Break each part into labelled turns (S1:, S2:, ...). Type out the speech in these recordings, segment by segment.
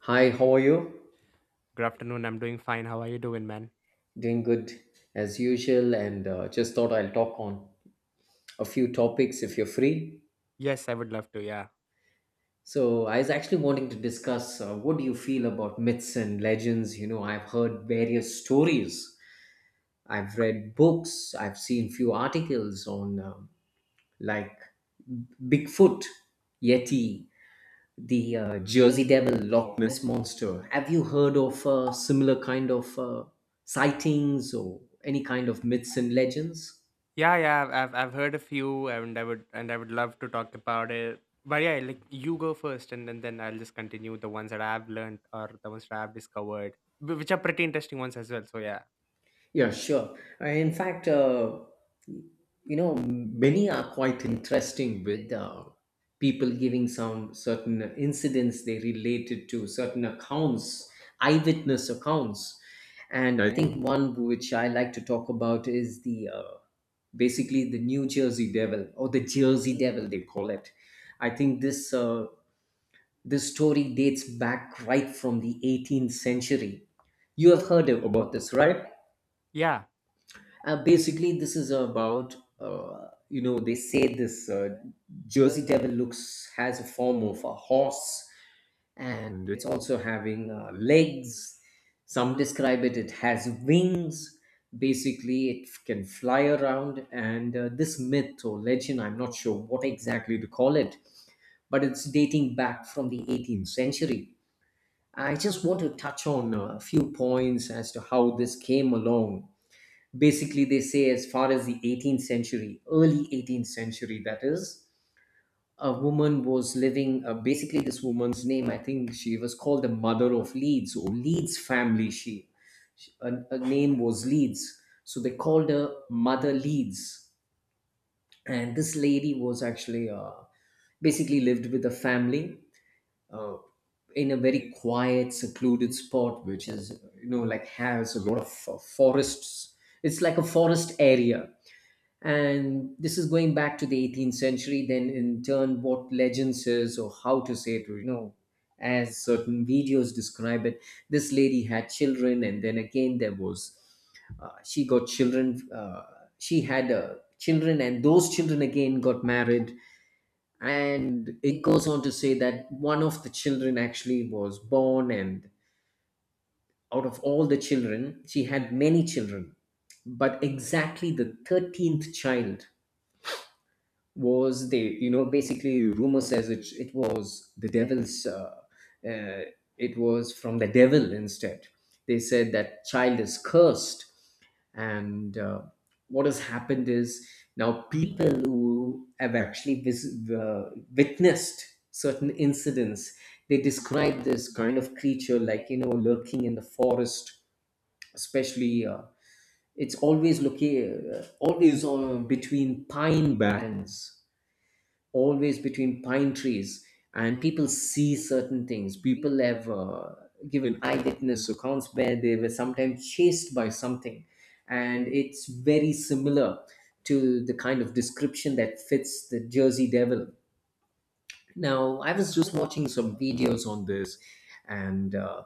S1: Hi, how are you?
S2: Good afternoon. I'm doing fine. How are you doing, man?
S1: Doing good as usual, and just thought I'll talk on a few topics if you're free.
S2: Yes, I would love to. Yeah,
S1: I was actually wanting to discuss what do you feel about myths and legends? You know, I've heard various stories, I've read books, I've seen few articles on like Bigfoot, Yeti, the Jersey Devil, Loch Ness Monster. Have you heard of similar kind of sightings or any kind of myths and legends?
S2: Yeah. I've heard a few, and I would love to talk about it. But yeah, like you go first, and then I'll just continue the ones that I've learned or the ones that I've discovered, which are pretty interesting ones as well. So yeah,
S1: Yeah, sure. In fact, you know, many are quite interesting with people giving some certain incidents they related to certain accounts, eyewitness accounts. And I think one which I like to talk about is the basically the New Jersey Devil, or the Jersey Devil they call it. I think this story dates back right from the 18th century. You have heard about this, right?
S2: yeah,
S1: Basically, this is about you know, they say this Jersey Devil looks has a form of a horse, and it's also having legs. Some describe it; it has wings. Basically, it can fly around, and this myth or legend—I'm not sure what exactly to call it—but it's dating back from the 18th century. I just want to touch on a few points as to how this came along. Basically, they say as far as the 18th century, early 18th century, that is, a woman was living, basically this woman's name, I think she was called the Mother of Leeds, or Leeds family. She, her name was Leeds, so they called her Mother Leeds. And this lady was actually basically lived with a family uh, in a very quiet, secluded spot, which is, you know, like has a lot of forests. It's like a forest area, and this is going back to the 18th century. Then in turn, what legend says, or how to say it, or, you know, as certain videos describe it, this lady had children. And then again, there was, she got children, she had children, and those children again got married. And it goes on to say that one of the children actually was born, and out of all the children she had, many children, but exactly the 13th child was, they, you know, basically rumor says it was the devil's, uh, it was from the devil instead. They said that child is cursed. And what has happened is, now people who have actually witnessed certain incidents, they describe this kind of creature, like, you know, lurking in the forest, especially it's always looking always between pine barrens, always between pine trees. And people see certain things. People have given eyewitness accounts where they were sometimes chased by something, and it's very similar to the kind of description that fits the Jersey Devil. Now, I was just watching some videos on this, and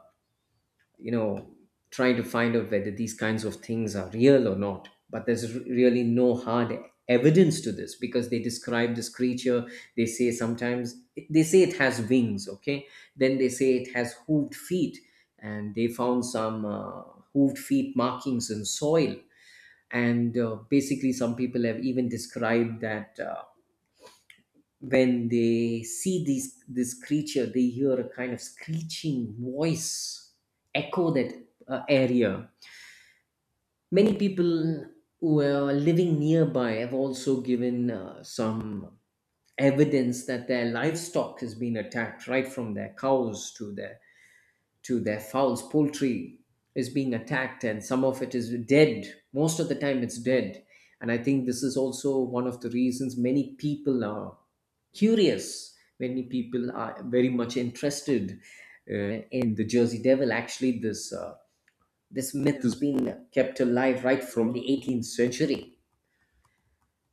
S1: you know, trying to find out whether these kinds of things are real or not, but there's really no hard evidence to this. Because they describe this creature, they say sometimes, they say it has wings, okay, then they say it has hooved feet, and they found some hooved feet markings in soil. And basically, some people have even described that when they see these this creature, they hear a kind of screeching voice echo that area. Many people who are living nearby have also given some evidence that their livestock has been attacked, right from their cows to their, to their fowls. Poultry is being attacked, and some of it is dead. Most of the time, it's dead. And I think this is also one of the reasons many people are curious. Many people are very much interested uh, in the Jersey Devil. Actually, this myth has been kept alive right from the 18th century.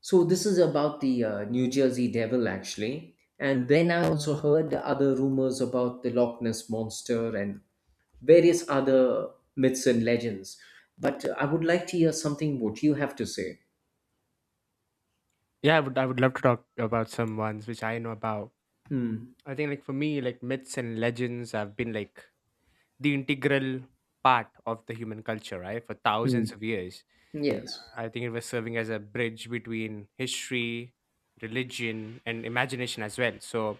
S1: So this is about the New Jersey Devil, actually. And then I also heard other rumors about the Loch Ness Monster and various other myths and legends. But I would like to hear something what you have to say.
S2: yeah. I would love to talk about some ones which I know about.
S1: Mm,
S2: I think like for me, like myths and legends have been like the integral part of the human culture, right, for thousands
S1: mm,
S2: of years.
S1: yes.
S2: I think it was serving as a bridge between history, religion, and imagination as well. So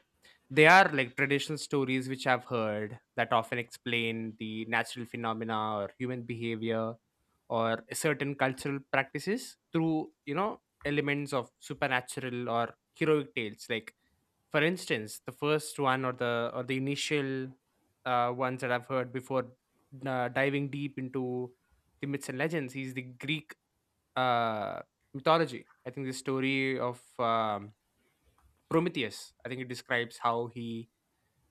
S2: they are like traditional stories which I've heard that often explain the natural phenomena or human behavior or certain cultural practices through, you know, elements of supernatural or heroic tales, like for instance the first one or the initial ones that I've heard before diving deep into the myths and legends is the Greek uh, mythology. I think the story of Prometheus, I think it describes how he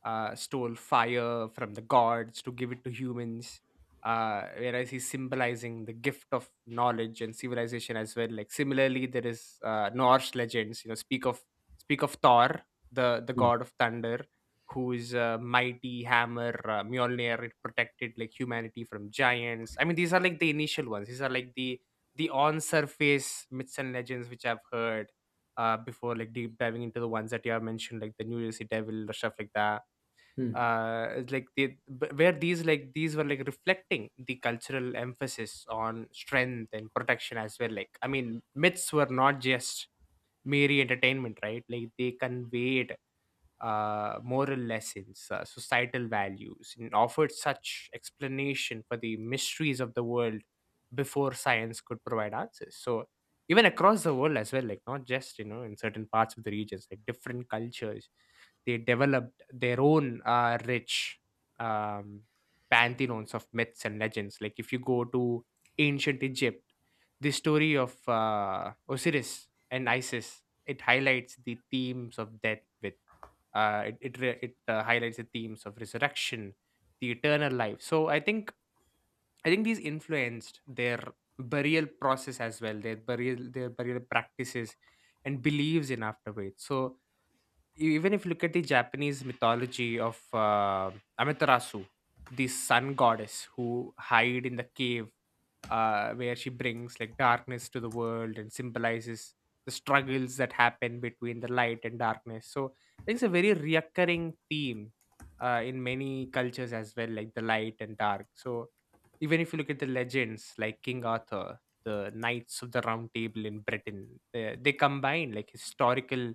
S2: stole fire from the gods to give it to humans. Whereas he's symbolizing the gift of knowledge and civilization as well. Like similarly, there is Norse legends. You know, speak of Thor, the
S1: Mm.
S2: god of thunder, who is a mighty hammer, Mjolnir. It protected like humanity from giants. I mean, these are like the initial ones. These are like the on surface myths and legends which I've heard before. Like deep diving into the ones that you have mentioned, like the New Jersey Devil or stuff like that,
S1: Hmm.
S2: like they, where these, like these were like reflecting the cultural emphasis on strength and protection as well. Like I mean myths were not just mere entertainment, right, like they conveyed moral lessons, societal values, and offered such explanation for the mysteries of the world before science could provide answers. So even across the world as well, like not just, you know, in certain parts of the regions, like different cultures, they developed their own rich um, pantheons of myths and legends. Like if you go to ancient Egypt, the story of Osiris and Isis, it highlights the themes of death with it it, re- it highlights the themes of resurrection, the eternal life. So I think these influenced their burial process as well, their burial practices and beliefs in afterweight. So you, even if you look at the Japanese mythology of Amaterasu, the sun goddess who hide in the cave where she brings like darkness to the world and symbolizes the struggles that happen between the light and darkness. So I think it's a very reoccurring theme in many cultures as well, like the light and dark. So even if you look at the legends like King Arthur, the Knights of the Round Table in Britain, they combine like historical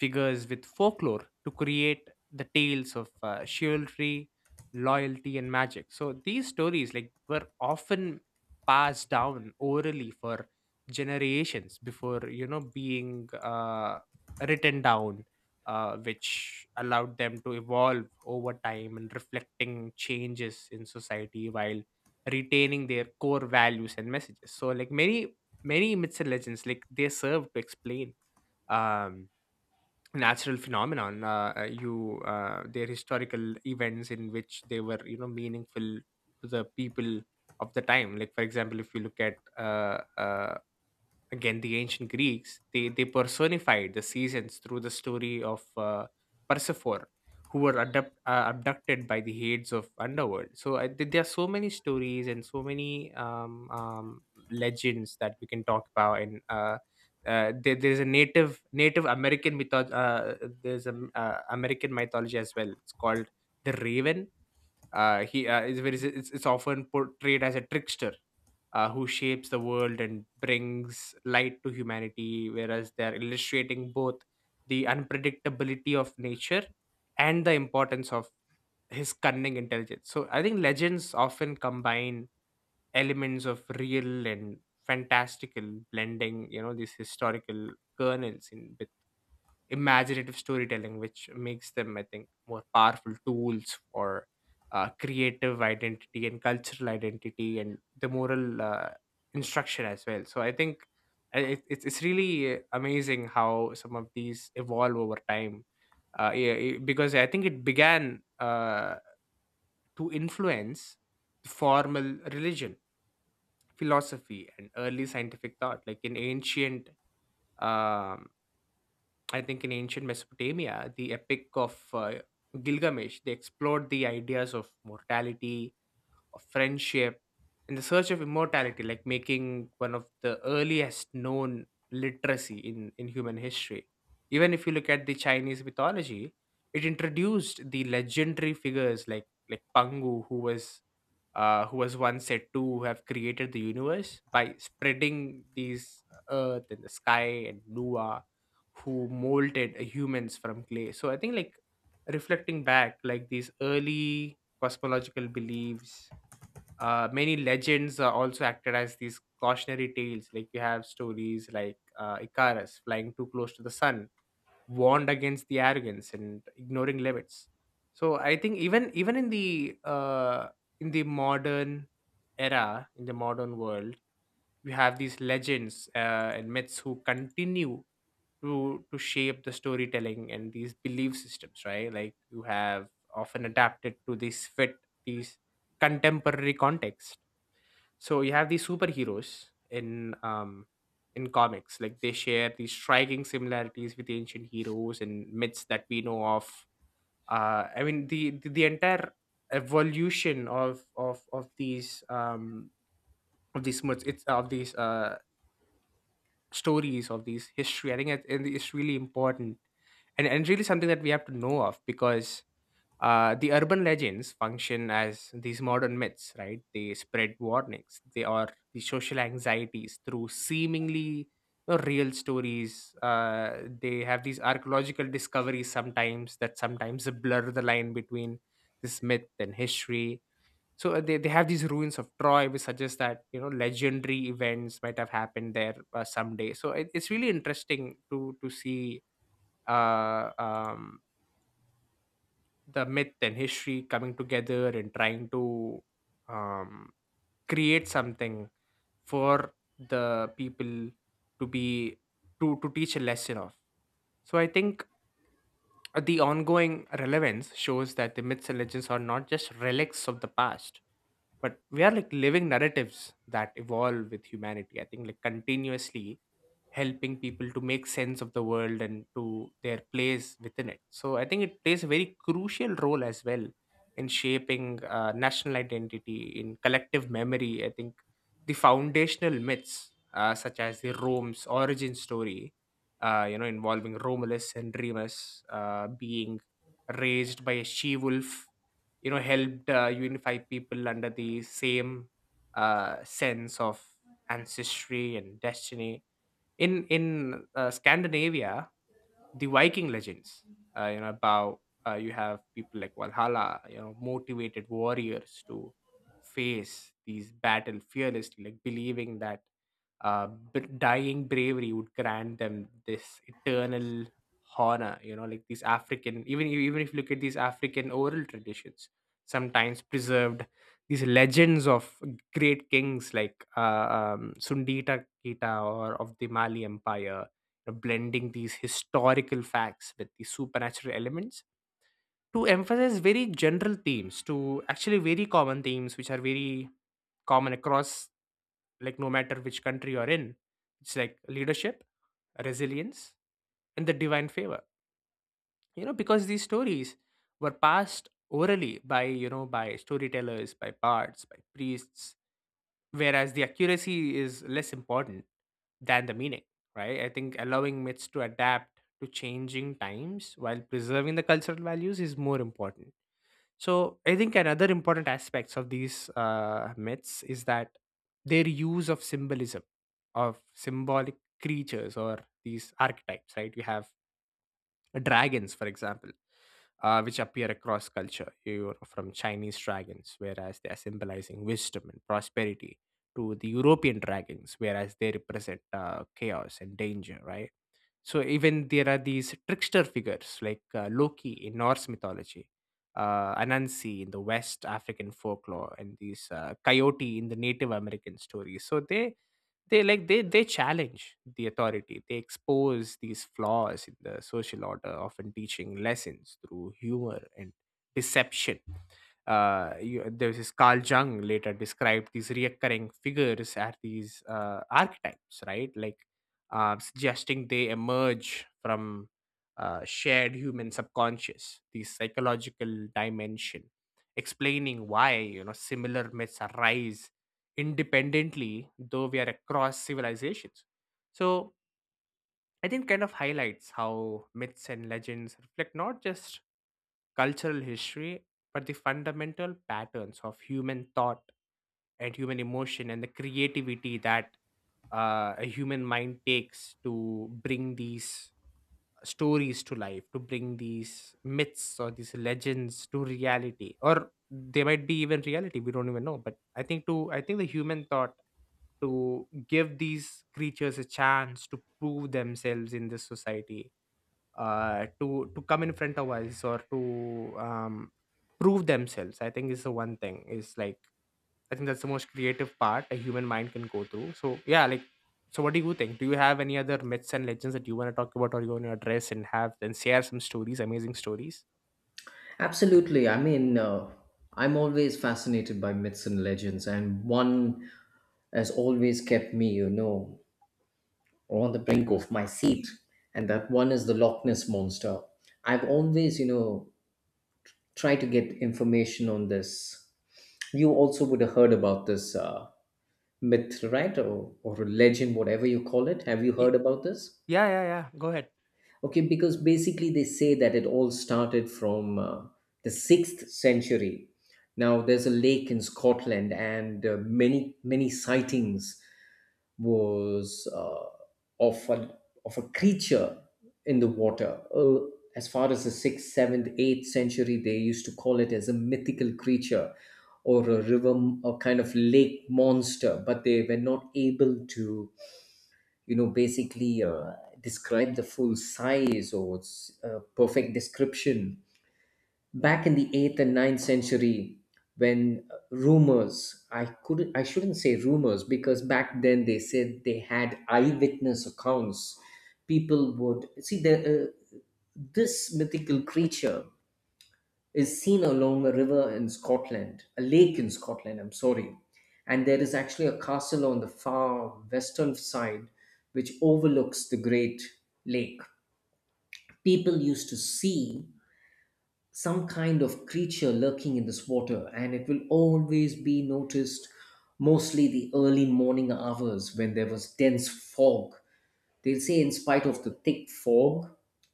S2: figures with folklore to create the tales of chivalry, loyalty, and magic. So these stories like were often passed down orally for generations before, you know, being written down, which allowed them to evolve over time and reflecting changes in society while retaining their core values and messages. So like many myths and legends, like they serve to explain um natural phenomenon, you their historical events in which they were, you know, meaningful to the people of the time. Like for example, if you look at again the ancient Greeks, they personified the seasons through the story of Persephone, who were abducted by the heads of underworld. So there are so many stories and so many legends that we can talk about. And there's a Native American mytho- there's an American mythology as well. It's called the Raven. He is very It's often portrayed as a trickster, who shapes the world and brings light to humanity, whereas they are illustrating both the unpredictability of nature and the importance of his cunning intelligence. So I think legends often combine elements of real and fantastical, blending, you know, these historical kernels in with imaginative storytelling, which makes them, I think, more powerful tools for creative identity and cultural identity and the moral instruction as well. So I think it's really amazing how some of these evolve over time. Yeah, because I think it began to influence the formal religion, philosophy, and early scientific thought. Like in ancient um, I think in ancient Mesopotamia, the epic of Gilgamesh, they explored the ideas of mortality, of friendship, in the search of immortality, like making one of the earliest known literacy in human history. Even if you look at the Chinese mythology, it introduced the legendary figures like Pangu, who was who was once said to have created the universe by spreading these earth and the sky, and Lua, who molded humans from clay. So I think like reflecting back, like these early cosmological beliefs, many legends also acted as these cautionary tales. Like you have stories like Icarus flying too close to the sun, warned against the arrogance and ignoring limits. So I think even even in the modern era, in the modern world, you have these legends and myths who continue to shape the storytelling and these belief systems, right? Like you have often adapted to this fit these contemporary context. So you have these superheroes in comics, like they share these striking similarities with ancient heroes and myths that we know of. I mean the the entire evolution of of these of these myths, it's of these stories, of these history, I think it is really important and really something that we have to know of, because the urban legends function as these modern myths, right? They spread warnings. They are the social anxieties through seemingly, you know, real stories. They have these archaeological discoveries sometimes that sometimes blur the line between this myth and history. So they have these ruins of Troy, which suggests that, you know, legendary events might have happened there someday. So it's really interesting to see uh, um, the myth and history coming together and trying to um, create something for the people to be to teach a lesson of. So I think the ongoing relevance shows that the myths and legends are not just relics of the past, but we are like living narratives that evolve with humanity, I think, like continuously helping people to make sense of the world and to their place within it. So I think it plays a very crucial role as well in shaping national identity in collective memory. I think the foundational myths such as the Rome's origin story, you know, involving Romulus and Remus being raised by a she wolf, you know, helped unify people under the same sense of ancestry and destiny. In Scandinavia, the Viking legends. You know about you have people like Valhalla, you know, motivated warriors to face these battle fearlessly, like believing that dying bravery would grant them this eternal honor. You know, like these African, even if you look at these African oral traditions, sometimes preserved these legends of great kings like Sundita Kita or of the Mali Empire, you know, blending these historical facts with the supernatural elements to emphasize very general themes, to actually very common themes which are very common across, like no matter which country you're in, it's like leadership, resilience, and the divine favor. You know, because these stories were passed orally by, you know, by storytellers, by bards, by priests, whereas the accuracy is less important than the meaning, right? I think allowing myths to adapt to changing times while preserving the cultural values is more important. So I think another important aspects of these myths is that their use of symbolism, of symbolic creatures or these archetypes, right? You have dragons, for example, which appear across culture. You're from Chinese dragons, whereas they are symbolizing wisdom and prosperity, to the European dragons, whereas they represent chaos and danger, right? So even there are these trickster figures like Loki in Norse mythology, Anansi in the West African folklore, and these coyote in the Native American stories. So they challenge the authority. They expose these flaws in the social order, often teaching lessons through humor and deception. There was this Carl Jung later described these recurring figures as these archetypes, right? Suggesting they emerge from shared human subconscious, the psychological dimension, explaining why similar myths arise independently, though we are across civilizations. So I think kind of highlights how myths and legends reflect not just cultural history, but the fundamental patterns of human thought and human emotion and the creativity that a human mind takes to bring these stories to life to bring these myths or these legends to reality, or they might be even reality we don't even know. But I think the human thought to give these creatures a chance to prove themselves in this society, to come in front of us or to um, prove themselves. I think is the one thing is like I think that's the most creative part a human mind can go through. So yeah, like so what do you think? Do you have any other myths and legends that you want to talk about or you want to address and have and share some stories, amazing stories?
S1: Absolutely. I mean, I'm always fascinated by myths and legends, and one has always kept me, you know, or on the brink of my seat, and that one is the Loch Ness Monster. I've always, you know, tried to get information on this. You also would have heard about this myth, right? Or a legend, whatever you call it. Have you
S2: Ye-
S1: heard about this?
S2: Yeah, yeah, yeah. Go ahead.
S1: Okay, because basically they say that it all started from the sixth century. Now, there's a lake in Scotland, and many sightings was of a, of a creature in the water. As far as the sixth, seventh, eighth century, they used to call it as a mythical creature, or a river, a kind of lake monster. But they were not able to, you know, basically describe the full size or perfect description back in the 8th and ninth century, when rumors, i couldn't, I shouldn't say rumors, because back then they said they had eyewitness accounts. People would see the this mythical creature is seen along a river in Scotland, a lake in Scotland, I'm sorry. And there is actually a castle on the far western side which overlooks the great lake. People used to see some kind of creature lurking in this water, and it will always be noticed mostly the early morning hours when there was dense fog. They'll say, in spite of the thick fog,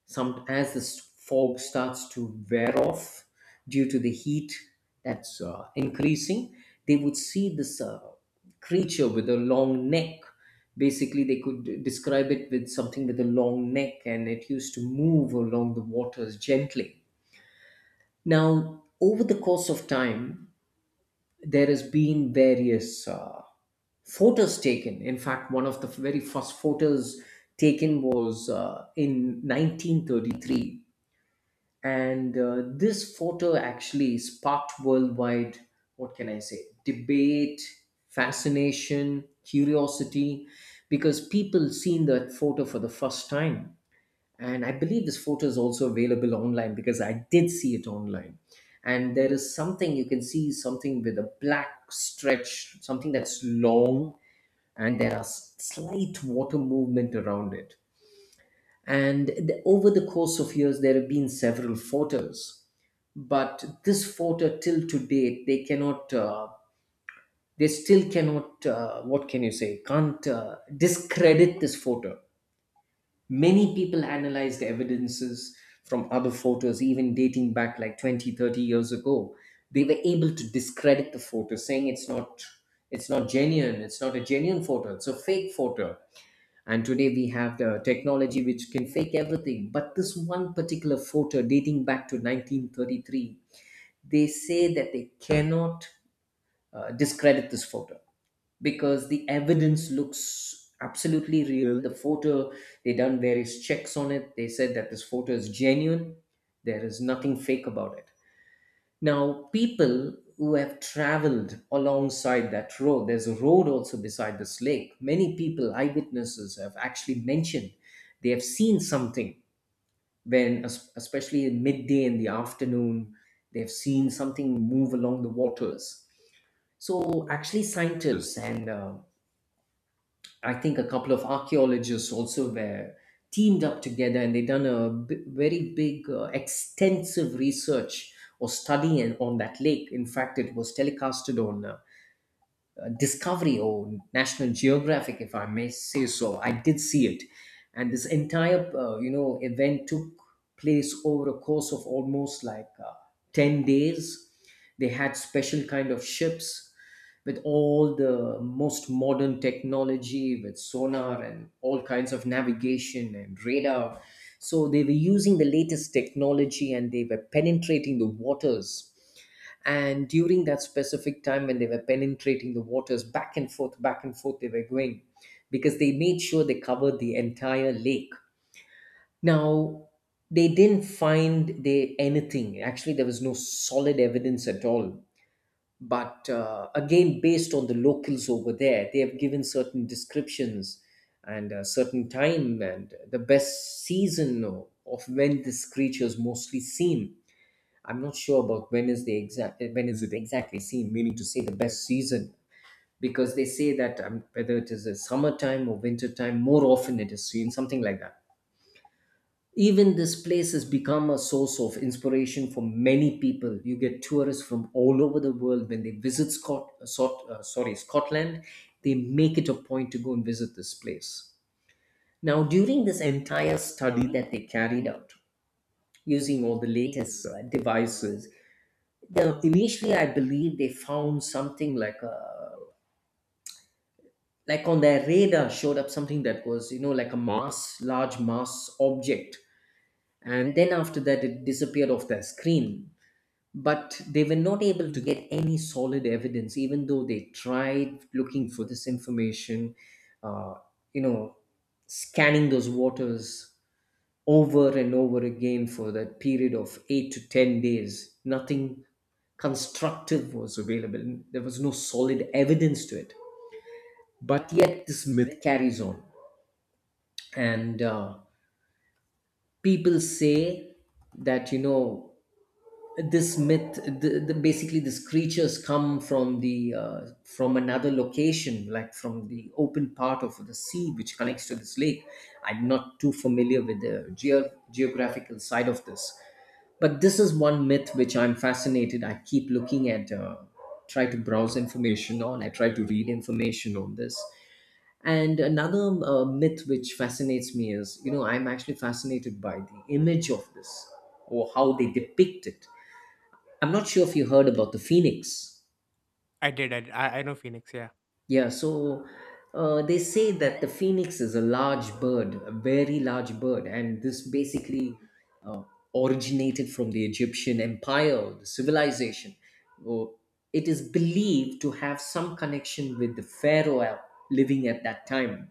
S1: some, as this fog starts to wear off due to the heat that's increasing, they would see this creature with a long neck. Basically, they could describe it with something with a long neck, and it used to move along the waters gently. Now, over the course of time, there has been various, photos taken. In fact, one of the very first photos taken was in 1933. And this photo actually sparked worldwide, what can I say, debate, fascination, curiosity, because people seen that photo for the first time. And I believe this photo is also available online, because I did see it online. And there is something, you can see something with a black stretch, something that's long, and there are slight water movement around it. And over the course of years, there have been several photos, but this photo till to date, they cannot, they still cannot, what can you say, can't discredit this photo. Many people analyzed evidences from other photos, even dating back like 20, 30 years ago. They were able to discredit the photo, saying it's not genuine, it's not a genuine photo, it's a fake photo. And today we have the technology which can fake everything. But this one particular photo dating back to 1933, they say that they cannot discredit this photo, because the evidence looks absolutely real. The photo, they done various checks on it. They said that this photo is genuine. There is nothing fake about it. Now, people who have traveled alongside that road, there's a road also beside this lake. Many people, eyewitnesses, have actually mentioned they have seen something when, especially in midday in the afternoon, they've seen something move along the waters. So, actually, scientists and I think a couple of archaeologists also were teamed up together, and they done very big, extensive research or study on that lake. In fact, it was telecasted on Discovery or National Geographic, if I may say so. I did see it, and this entire you know, event took place over a course of almost like 10 days. They had special kind of ships with all the most modern technology, with sonar and all kinds of navigation and radar. So they were using the latest technology, and they were penetrating the waters. And during that specific time when they were penetrating the waters, back and forth, back and forth they were going, because they made sure they covered the entire lake. Now, they didn't find they anything, actually. There was no solid evidence at all. But again, based on the locals over there, they have given certain descriptions, and a certain time and the best season of when this creature is mostly seen. I'm not sure about when is the exact, when is it exactly seen, meaning to say the best season, because they say that whether it is a summertime or winter time, more often it is seen, something like that. Even this place has become a source of inspiration for many people. You get tourists from all over the world when they visit sorry, Scotland, they make it a point to go and visit this place. Now, during this entire study that they carried out, using all the latest devices, the initially I believe they found something like a like on their radar showed up something that was like a mass large mass object. And then after that it disappeared off their screen, but they were not able to get any solid evidence even though they tried looking for this information, uh, you know scanning those waters over and over again for that period of 8 to 10 days. Nothing constructive was available. There was no solid evidence to it. But yet, this myth carries on. And people say that, this myth basically these creatures come from another location, like from the open part of the sea which connects to this lake. I'm not too familiar with the geographical side of this. But this is one myth which I'm fascinated. I keep looking at, try to browse information on, I try to read information on this. And another myth which fascinates me is, I'm actually fascinated by the image of this, or how they depict it. I'm not sure if you heard about the phoenix.
S2: I did. I know Phoenix. Yeah.
S1: Yeah, so they say that the phoenix is a large bird, a very large bird, and this basically uh, originated from the Egyptian empire, the civilization. Oh, it is believed to have some connection with the pharaoh living at that time,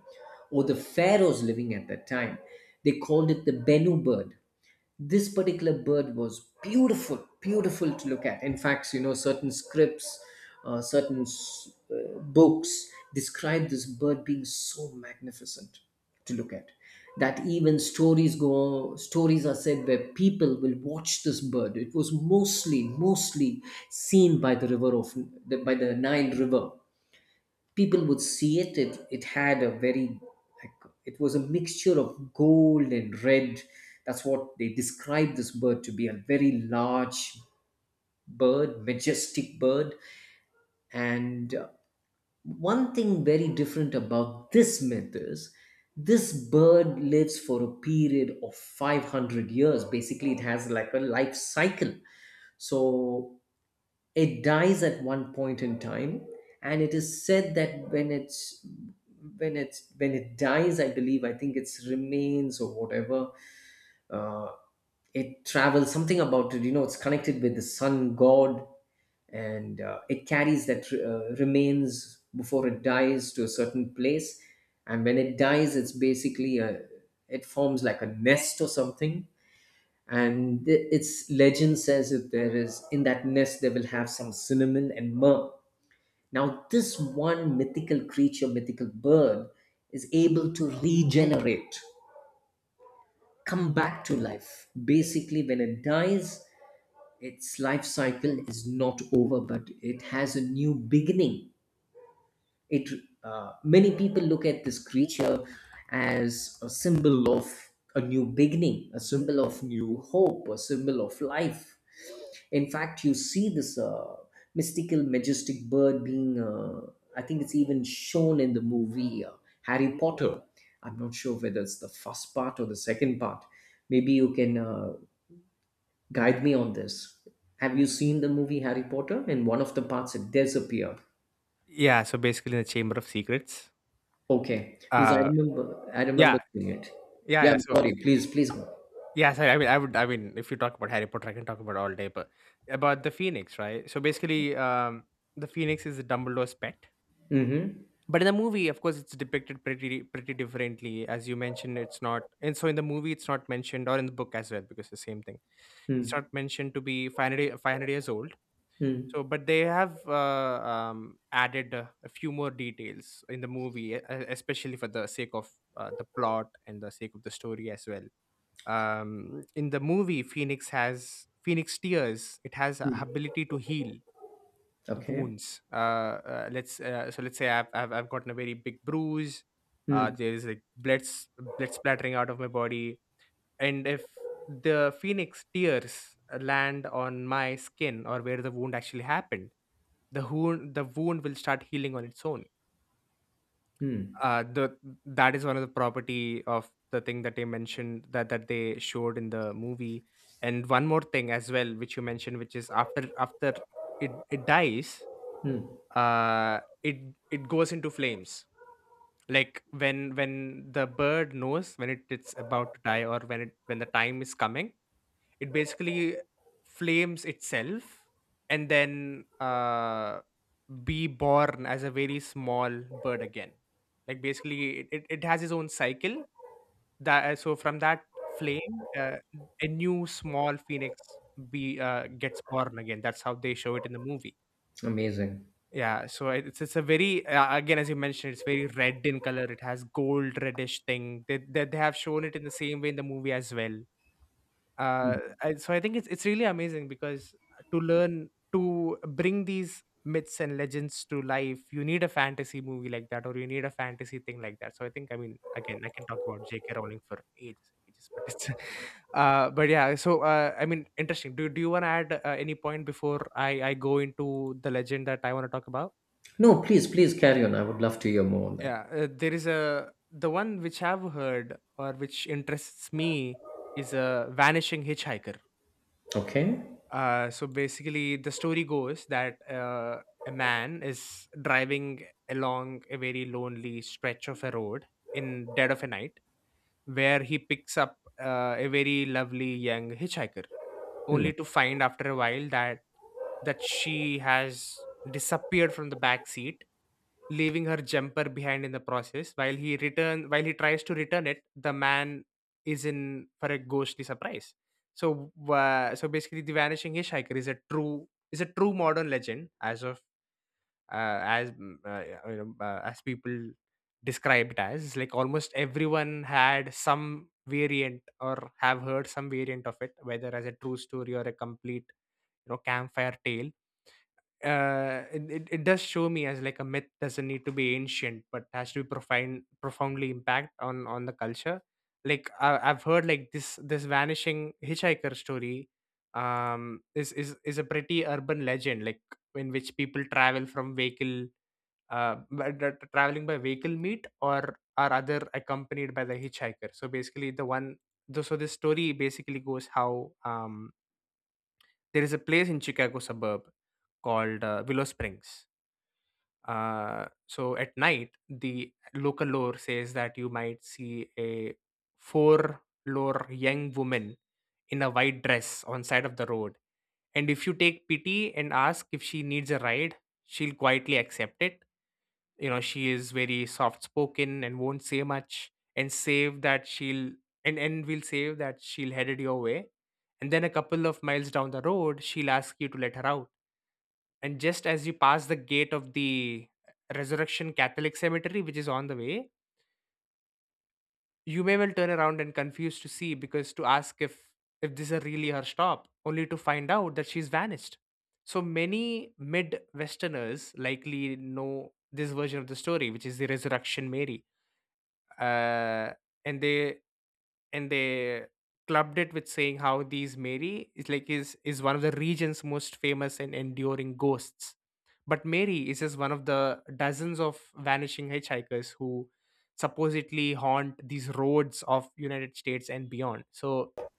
S1: or the pharaohs living at that time. They called it the Bennu bird. This particular bird was beautiful, beautiful to look at. In fact, certain scripts certain s- books describe this bird being so magnificent to look at, that even stories are said where people will watch this bird. It was mostly seen by the Nile River, people would see it. It had a very like it was a mixture of gold and red. That's what they described this bird to be, a very large bird, majestic bird. And one thing very different about this myth is this bird lives for a period of 500 years. Basically, it has like a life cycle. So it dies at one point in time, and it is said that when it dies, I think it's remains or whatever, uh, it travels something about it, it's connected with the sun god. And it carries that remains before it dies to a certain place. And when it dies, it forms like a nest or something. And its legend says if there is in that nest, they will have some cinnamon and myrrh. Now, this one mythical creature, mythical bird, is able to regenerate, come back to life. Basically, when it dies, its life cycle is not over, but it has a new beginning. It Many people look at this creature as a symbol of a new beginning, a symbol of new hope, a symbol of life. In fact, you see this mystical, majestic bird being. I think it's even shown in the movie Harry Potter. I'm not sure whether it's the first part or the second part. Maybe you can guide me on this. Have you seen the movie Harry Potter? In one of the parts, it disappeared.
S2: Yeah. So basically, in the Chamber of Secrets.
S1: Okay, because I
S2: Uh.
S1: remember, I remember
S2: Yeah.
S1: seeing it.
S2: Yeah.
S1: Yeah,
S2: Yeah.
S1: I'm
S2: So
S1: sorry. Please, please go.
S2: yes, I mean, I would. I mean, if you talk about Harry Potter, I can talk about all day, but about the Phoenix, right? So basically, the Phoenix is Dumbledore's pet,
S1: Mm-hmm.
S2: but in the movie, of course, it's depicted pretty differently. As you mentioned, it's not, and so in the movie, it's not mentioned, or in the book as well, because it's the same thing. It's
S1: Mm,
S2: not mentioned to be 500 500 years old.
S1: mm,
S2: So, but they have added a few more details in the movie, especially for the sake of the plot and the sake of the story as well. In the movie, phoenix has phoenix tears. It has a
S1: mm.
S2: ability to heal the
S1: Okay.
S2: wounds. Uh, uh let's uh, so let's say I've gotten a very big bruise.
S1: Mm,
S2: There's like blood splattering out of my body, and if the phoenix tears land on my skin or where the wound actually happened, the wound will start healing on its own.
S1: mm,
S2: The That is one of the property of the thing that they mentioned that they showed in the movie. And one more thing as well which you mentioned, which is after it dies,
S1: mm.
S2: uh it it goes into flames. Like when the bird knows when it's about to die or when it when the time is coming, it basically flames itself, and then be born as a very small bird again. Like basically, it has its own cycle. That so from that flame, a new small phoenix be gets born again. That's how they show it in the movie.
S1: Amazing.
S2: Yeah, so it's a very again, as you mentioned, it's very red in color. It has gold reddish thing. They have shown it in the same way in the movie as well. So I think it's really amazing because to learn to bring these myths and legends to life, you need a fantasy movie like that, or you need a fantasy thing like that. So I think, I mean, again, I can talk about J.K. Rowling for ages and ages, but it's, but yeah. So I mean, interesting. Do you want to add any point before I go into the legend that I want to talk about?
S1: No, please, please carry on. I would love to hear more on that.
S2: Yeah, there is a the one which I've heard or which interests me is a vanishing hitchhiker.
S1: Okay.
S2: So basically, the story goes that a man is driving along a very lonely stretch of a road in dead of a night, where he picks up a very lovely young hitchhiker, only
S1: Mm.
S2: to find after a while that she has disappeared from the back seat, leaving her jumper behind in the process. While he tries to return it, the man is in for a ghostly surprise. So basically, the vanishing hitchhiker is a true modern legend, as of as mm, you know, as people describe it as. It's like almost everyone had some variant or have heard some variant of it, whether as a true story or a complete campfire tale. It it does show me as like a myth doesn't need to be ancient, but has to be profoundly impact on the culture. I've heard like this vanishing hitchhiker story is is a pretty urban legend, like in which people travel from vehicle traveling by vehicle meet or are other accompanied by the hitchhiker. So basically the one the, so this story basically goes how there is a place in Chicago suburb called Willow Springs. So at night, the local lore says that you might see a four lore young woman in a white dress on side of the road. And if you take pity and ask if she needs a ride, she'll quietly accept it. You know, she is very soft spoken and won't say much and save that she'll and will save that she'll head it your way. And then a couple of miles down the road, she'll ask you to let her out, and just as you pass the gate of the Resurrection Catholic Cemetery, which is on the way, you may well turn around and confused to see because to ask if this is really her stop, only to find out that she's vanished. So many mid-Westerners likely know this version of the story, which is the Resurrection Mary, uh, and they and they clubbed it with saying how these Mary is like is one of the region's most famous and enduring ghosts. But Mary is just one of the dozens of vanishing hitchhikers who supposedly haunt these roads of United States and beyond. So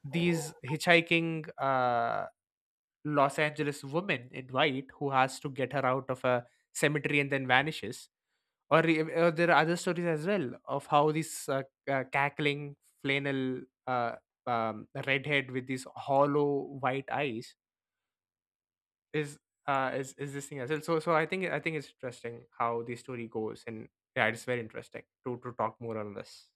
S2: these hitchhiking Los Angeles woman in white who has to get her out of a cemetery and then vanishes. Or there are other stories as well of how this cackling flannel uh, redhead with these hollow white eyes is is this thing as well. So I think it's interesting how the story goes, and yeah, it's very interesting to talk more on this.